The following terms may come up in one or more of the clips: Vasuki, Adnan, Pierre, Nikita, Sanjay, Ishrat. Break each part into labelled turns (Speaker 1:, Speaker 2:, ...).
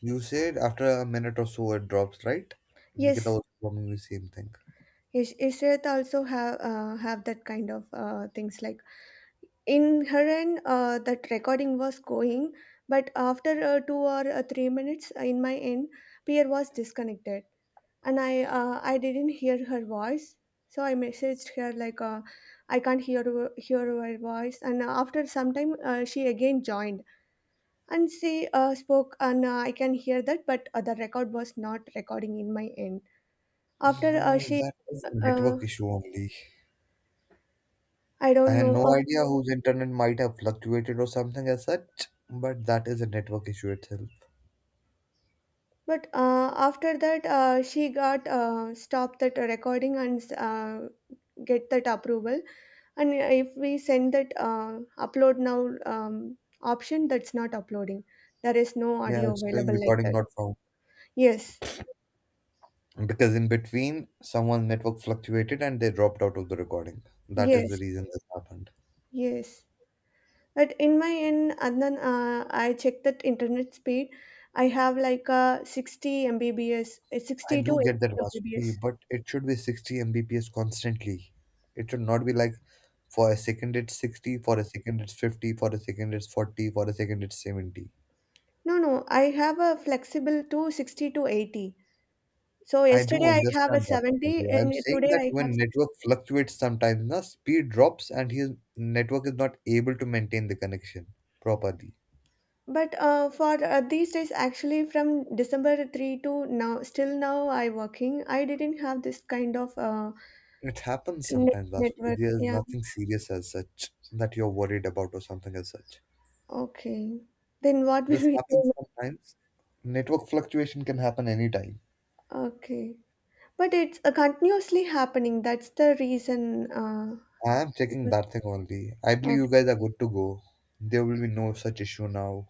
Speaker 1: You said after a minute or so it drops, right? Nikita
Speaker 2: Yes,
Speaker 1: was performing the same thing.
Speaker 2: yes, Ishrat also have that kind of things like in her end that recording was going, but after two or 3 minutes in my end, Pierre was disconnected, and I didn't hear her voice, so I messaged her like I can't hear her voice, and after some time she again joined and she spoke, and I can hear that, but the record was not recording in my end. After
Speaker 1: Well,
Speaker 2: she
Speaker 1: that is a
Speaker 2: uh,
Speaker 1: network issue only.
Speaker 2: I
Speaker 1: I
Speaker 2: don't
Speaker 1: had
Speaker 2: know.
Speaker 1: no
Speaker 2: Of,
Speaker 1: idea whose internet might have fluctuated or something as such, but that is a network issue itself.
Speaker 2: but after that, she got stopped that recording and get that approval. And if we send that upload now option, that's not uploading. There is no
Speaker 1: Yeah,
Speaker 2: audio
Speaker 1: it's showing
Speaker 2: available like
Speaker 1: recording
Speaker 2: that.
Speaker 1: not found.
Speaker 2: Yes,
Speaker 1: Because in between, someone's network fluctuated and they dropped out of the recording. That is the
Speaker 2: yes,
Speaker 1: reason this happened.
Speaker 2: yes. But in my end, Adnan, I checked that internet speed. I have like a 60 Mbps,
Speaker 1: I
Speaker 2: 60 to
Speaker 1: do get that
Speaker 2: 80
Speaker 1: Vasuki,
Speaker 2: Mbps.
Speaker 1: but it should be 60 Mbps constantly. It should not be like for a second it's 60, for a second it's 50, for a second it's 40, for a second it's 70.
Speaker 2: No, no, I have a flexible to 60 to 80. So
Speaker 1: I do
Speaker 2: yesterday I have a
Speaker 1: understand that,
Speaker 2: 70
Speaker 1: Sanjay. I'm
Speaker 2: and
Speaker 1: saying
Speaker 2: today
Speaker 1: that
Speaker 2: I have
Speaker 1: when
Speaker 2: 60.
Speaker 1: network fluctuates sometimes, na, speed drops and his network is not able to maintain the connection properly.
Speaker 2: But for these days, actually from December 3 to now, still now I working. I didn't have this kind of
Speaker 1: It happens
Speaker 2: net
Speaker 1: sometimes, Vasuki.
Speaker 2: network.
Speaker 1: There's
Speaker 2: Yeah.
Speaker 1: nothing serious as such that you're worried about or something as such.
Speaker 2: Okay. Then what will
Speaker 1: This
Speaker 2: we
Speaker 1: happens
Speaker 2: do?
Speaker 1: sometimes. Network fluctuation can happen anytime.
Speaker 2: Okay. But it's continuously happening. That's the reason.
Speaker 1: I am checking
Speaker 2: Because
Speaker 1: that thing only. I believe
Speaker 2: okay.
Speaker 1: you guys are good to go. There will be no such issue now.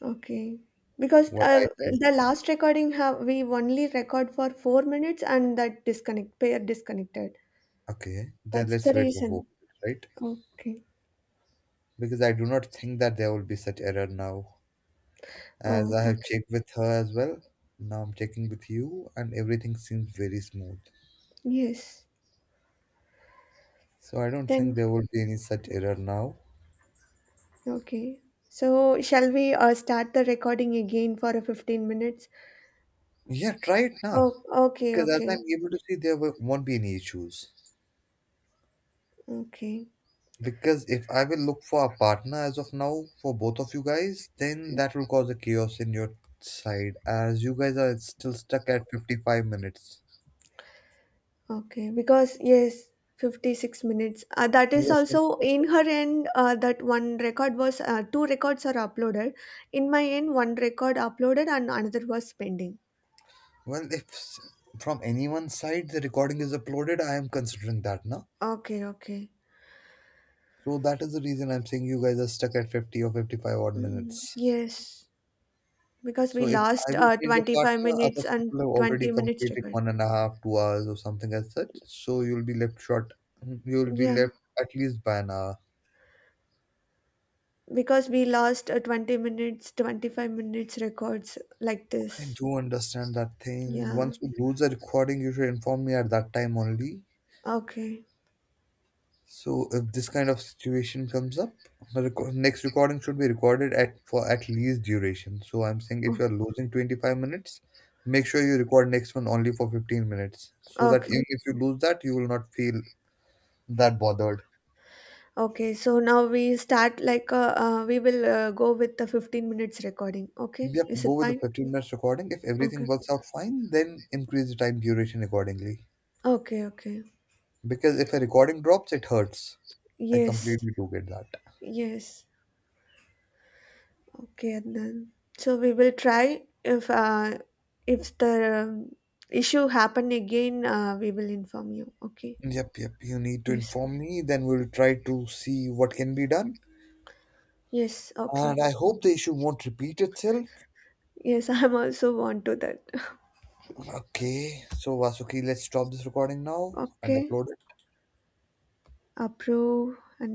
Speaker 2: Okay. Because
Speaker 1: What I feel.
Speaker 2: the last recording have we only record for 4 minutes and that disconnect pair disconnected.
Speaker 1: Okay, then
Speaker 2: That's
Speaker 1: let's
Speaker 2: the
Speaker 1: wait for four
Speaker 2: reason.
Speaker 1: minutes, right?
Speaker 2: Okay.
Speaker 1: Because I do not think that there will be such error now, as
Speaker 2: Oh,
Speaker 1: I have
Speaker 2: okay.
Speaker 1: checked with her as well. Now I'm checking with you, and everything seems very smooth.
Speaker 2: Yes.
Speaker 1: So I don't
Speaker 2: Then,
Speaker 1: think there will be any such error now.
Speaker 2: okay. So, shall we start the recording again for a 15 minutes?
Speaker 1: Yeah, try it now.
Speaker 2: Oh, okay,
Speaker 1: Because as
Speaker 2: okay,
Speaker 1: I'm able to see, there won't be any issues.
Speaker 2: okay,
Speaker 1: Because if I will look for a partner as of now for both of you guys, then that will cause a chaos in your side as you guys are still stuck at 55 minutes.
Speaker 2: okay. Because, yes, 56 minutes. That is
Speaker 1: Yes, something
Speaker 2: also
Speaker 1: like
Speaker 2: in
Speaker 1: that.
Speaker 2: her end, that one record was, two records are uploaded. In my end, one record uploaded and another was pending.
Speaker 1: Well, if s- from anyone's side the recording is uploaded, I am considering that now.
Speaker 2: Okay, okay.
Speaker 1: So that is the reason I'm saying you guys are stuck at 50 or 55 odd
Speaker 2: Mm,
Speaker 1: minutes.
Speaker 2: yes, because we
Speaker 1: So if I
Speaker 2: lost
Speaker 1: will change a
Speaker 2: 25
Speaker 1: partner,
Speaker 2: minutes
Speaker 1: other
Speaker 2: and
Speaker 1: people have already
Speaker 2: 20 minutes
Speaker 1: completed
Speaker 2: record.
Speaker 1: one and a half, 2 hours or something as such. So you'll be left short. You'll be
Speaker 2: Yeah.
Speaker 1: left at least by an hour.
Speaker 2: Because we lost a 20 minutes 25 minutes records like
Speaker 1: I
Speaker 2: this.
Speaker 1: do understand that thing.
Speaker 2: Yeah,
Speaker 1: Once we lose the recording, you should inform me at that time only.
Speaker 2: okay.
Speaker 1: So if this kind of situation comes up, the next recording should be recorded at for at least duration. So I'm saying
Speaker 2: O-
Speaker 1: if you're losing 25 minutes, make sure you record next one only for 15 minutes, so that
Speaker 2: okay,
Speaker 1: even if you lose that, you will not feel that bothered.
Speaker 2: okay. So now we start like we will go with the 15 minutes recording, okay,
Speaker 1: Yep,
Speaker 2: is it
Speaker 1: go with the
Speaker 2: fine?
Speaker 1: 15 minutes recording. If
Speaker 2: Okay,
Speaker 1: everything works out fine, then increase the time duration accordingly.
Speaker 2: okay, okay.
Speaker 1: Because if a recording drops, it hurts. I
Speaker 2: Yes,
Speaker 1: completely do get that.
Speaker 2: yes, okay. And then, so we will try if the issue happen again, we will inform you, okay?
Speaker 1: Yep, yep, you need to
Speaker 2: Yes,
Speaker 1: inform me, then we'll try to see what can be done.
Speaker 2: yes, okay.
Speaker 1: And I hope the issue won't repeat itself.
Speaker 2: Yes. I'm also want to that.
Speaker 1: Okay, so Vasuki, let's stop this recording now and
Speaker 2: Okay,
Speaker 1: upload it.
Speaker 2: approve and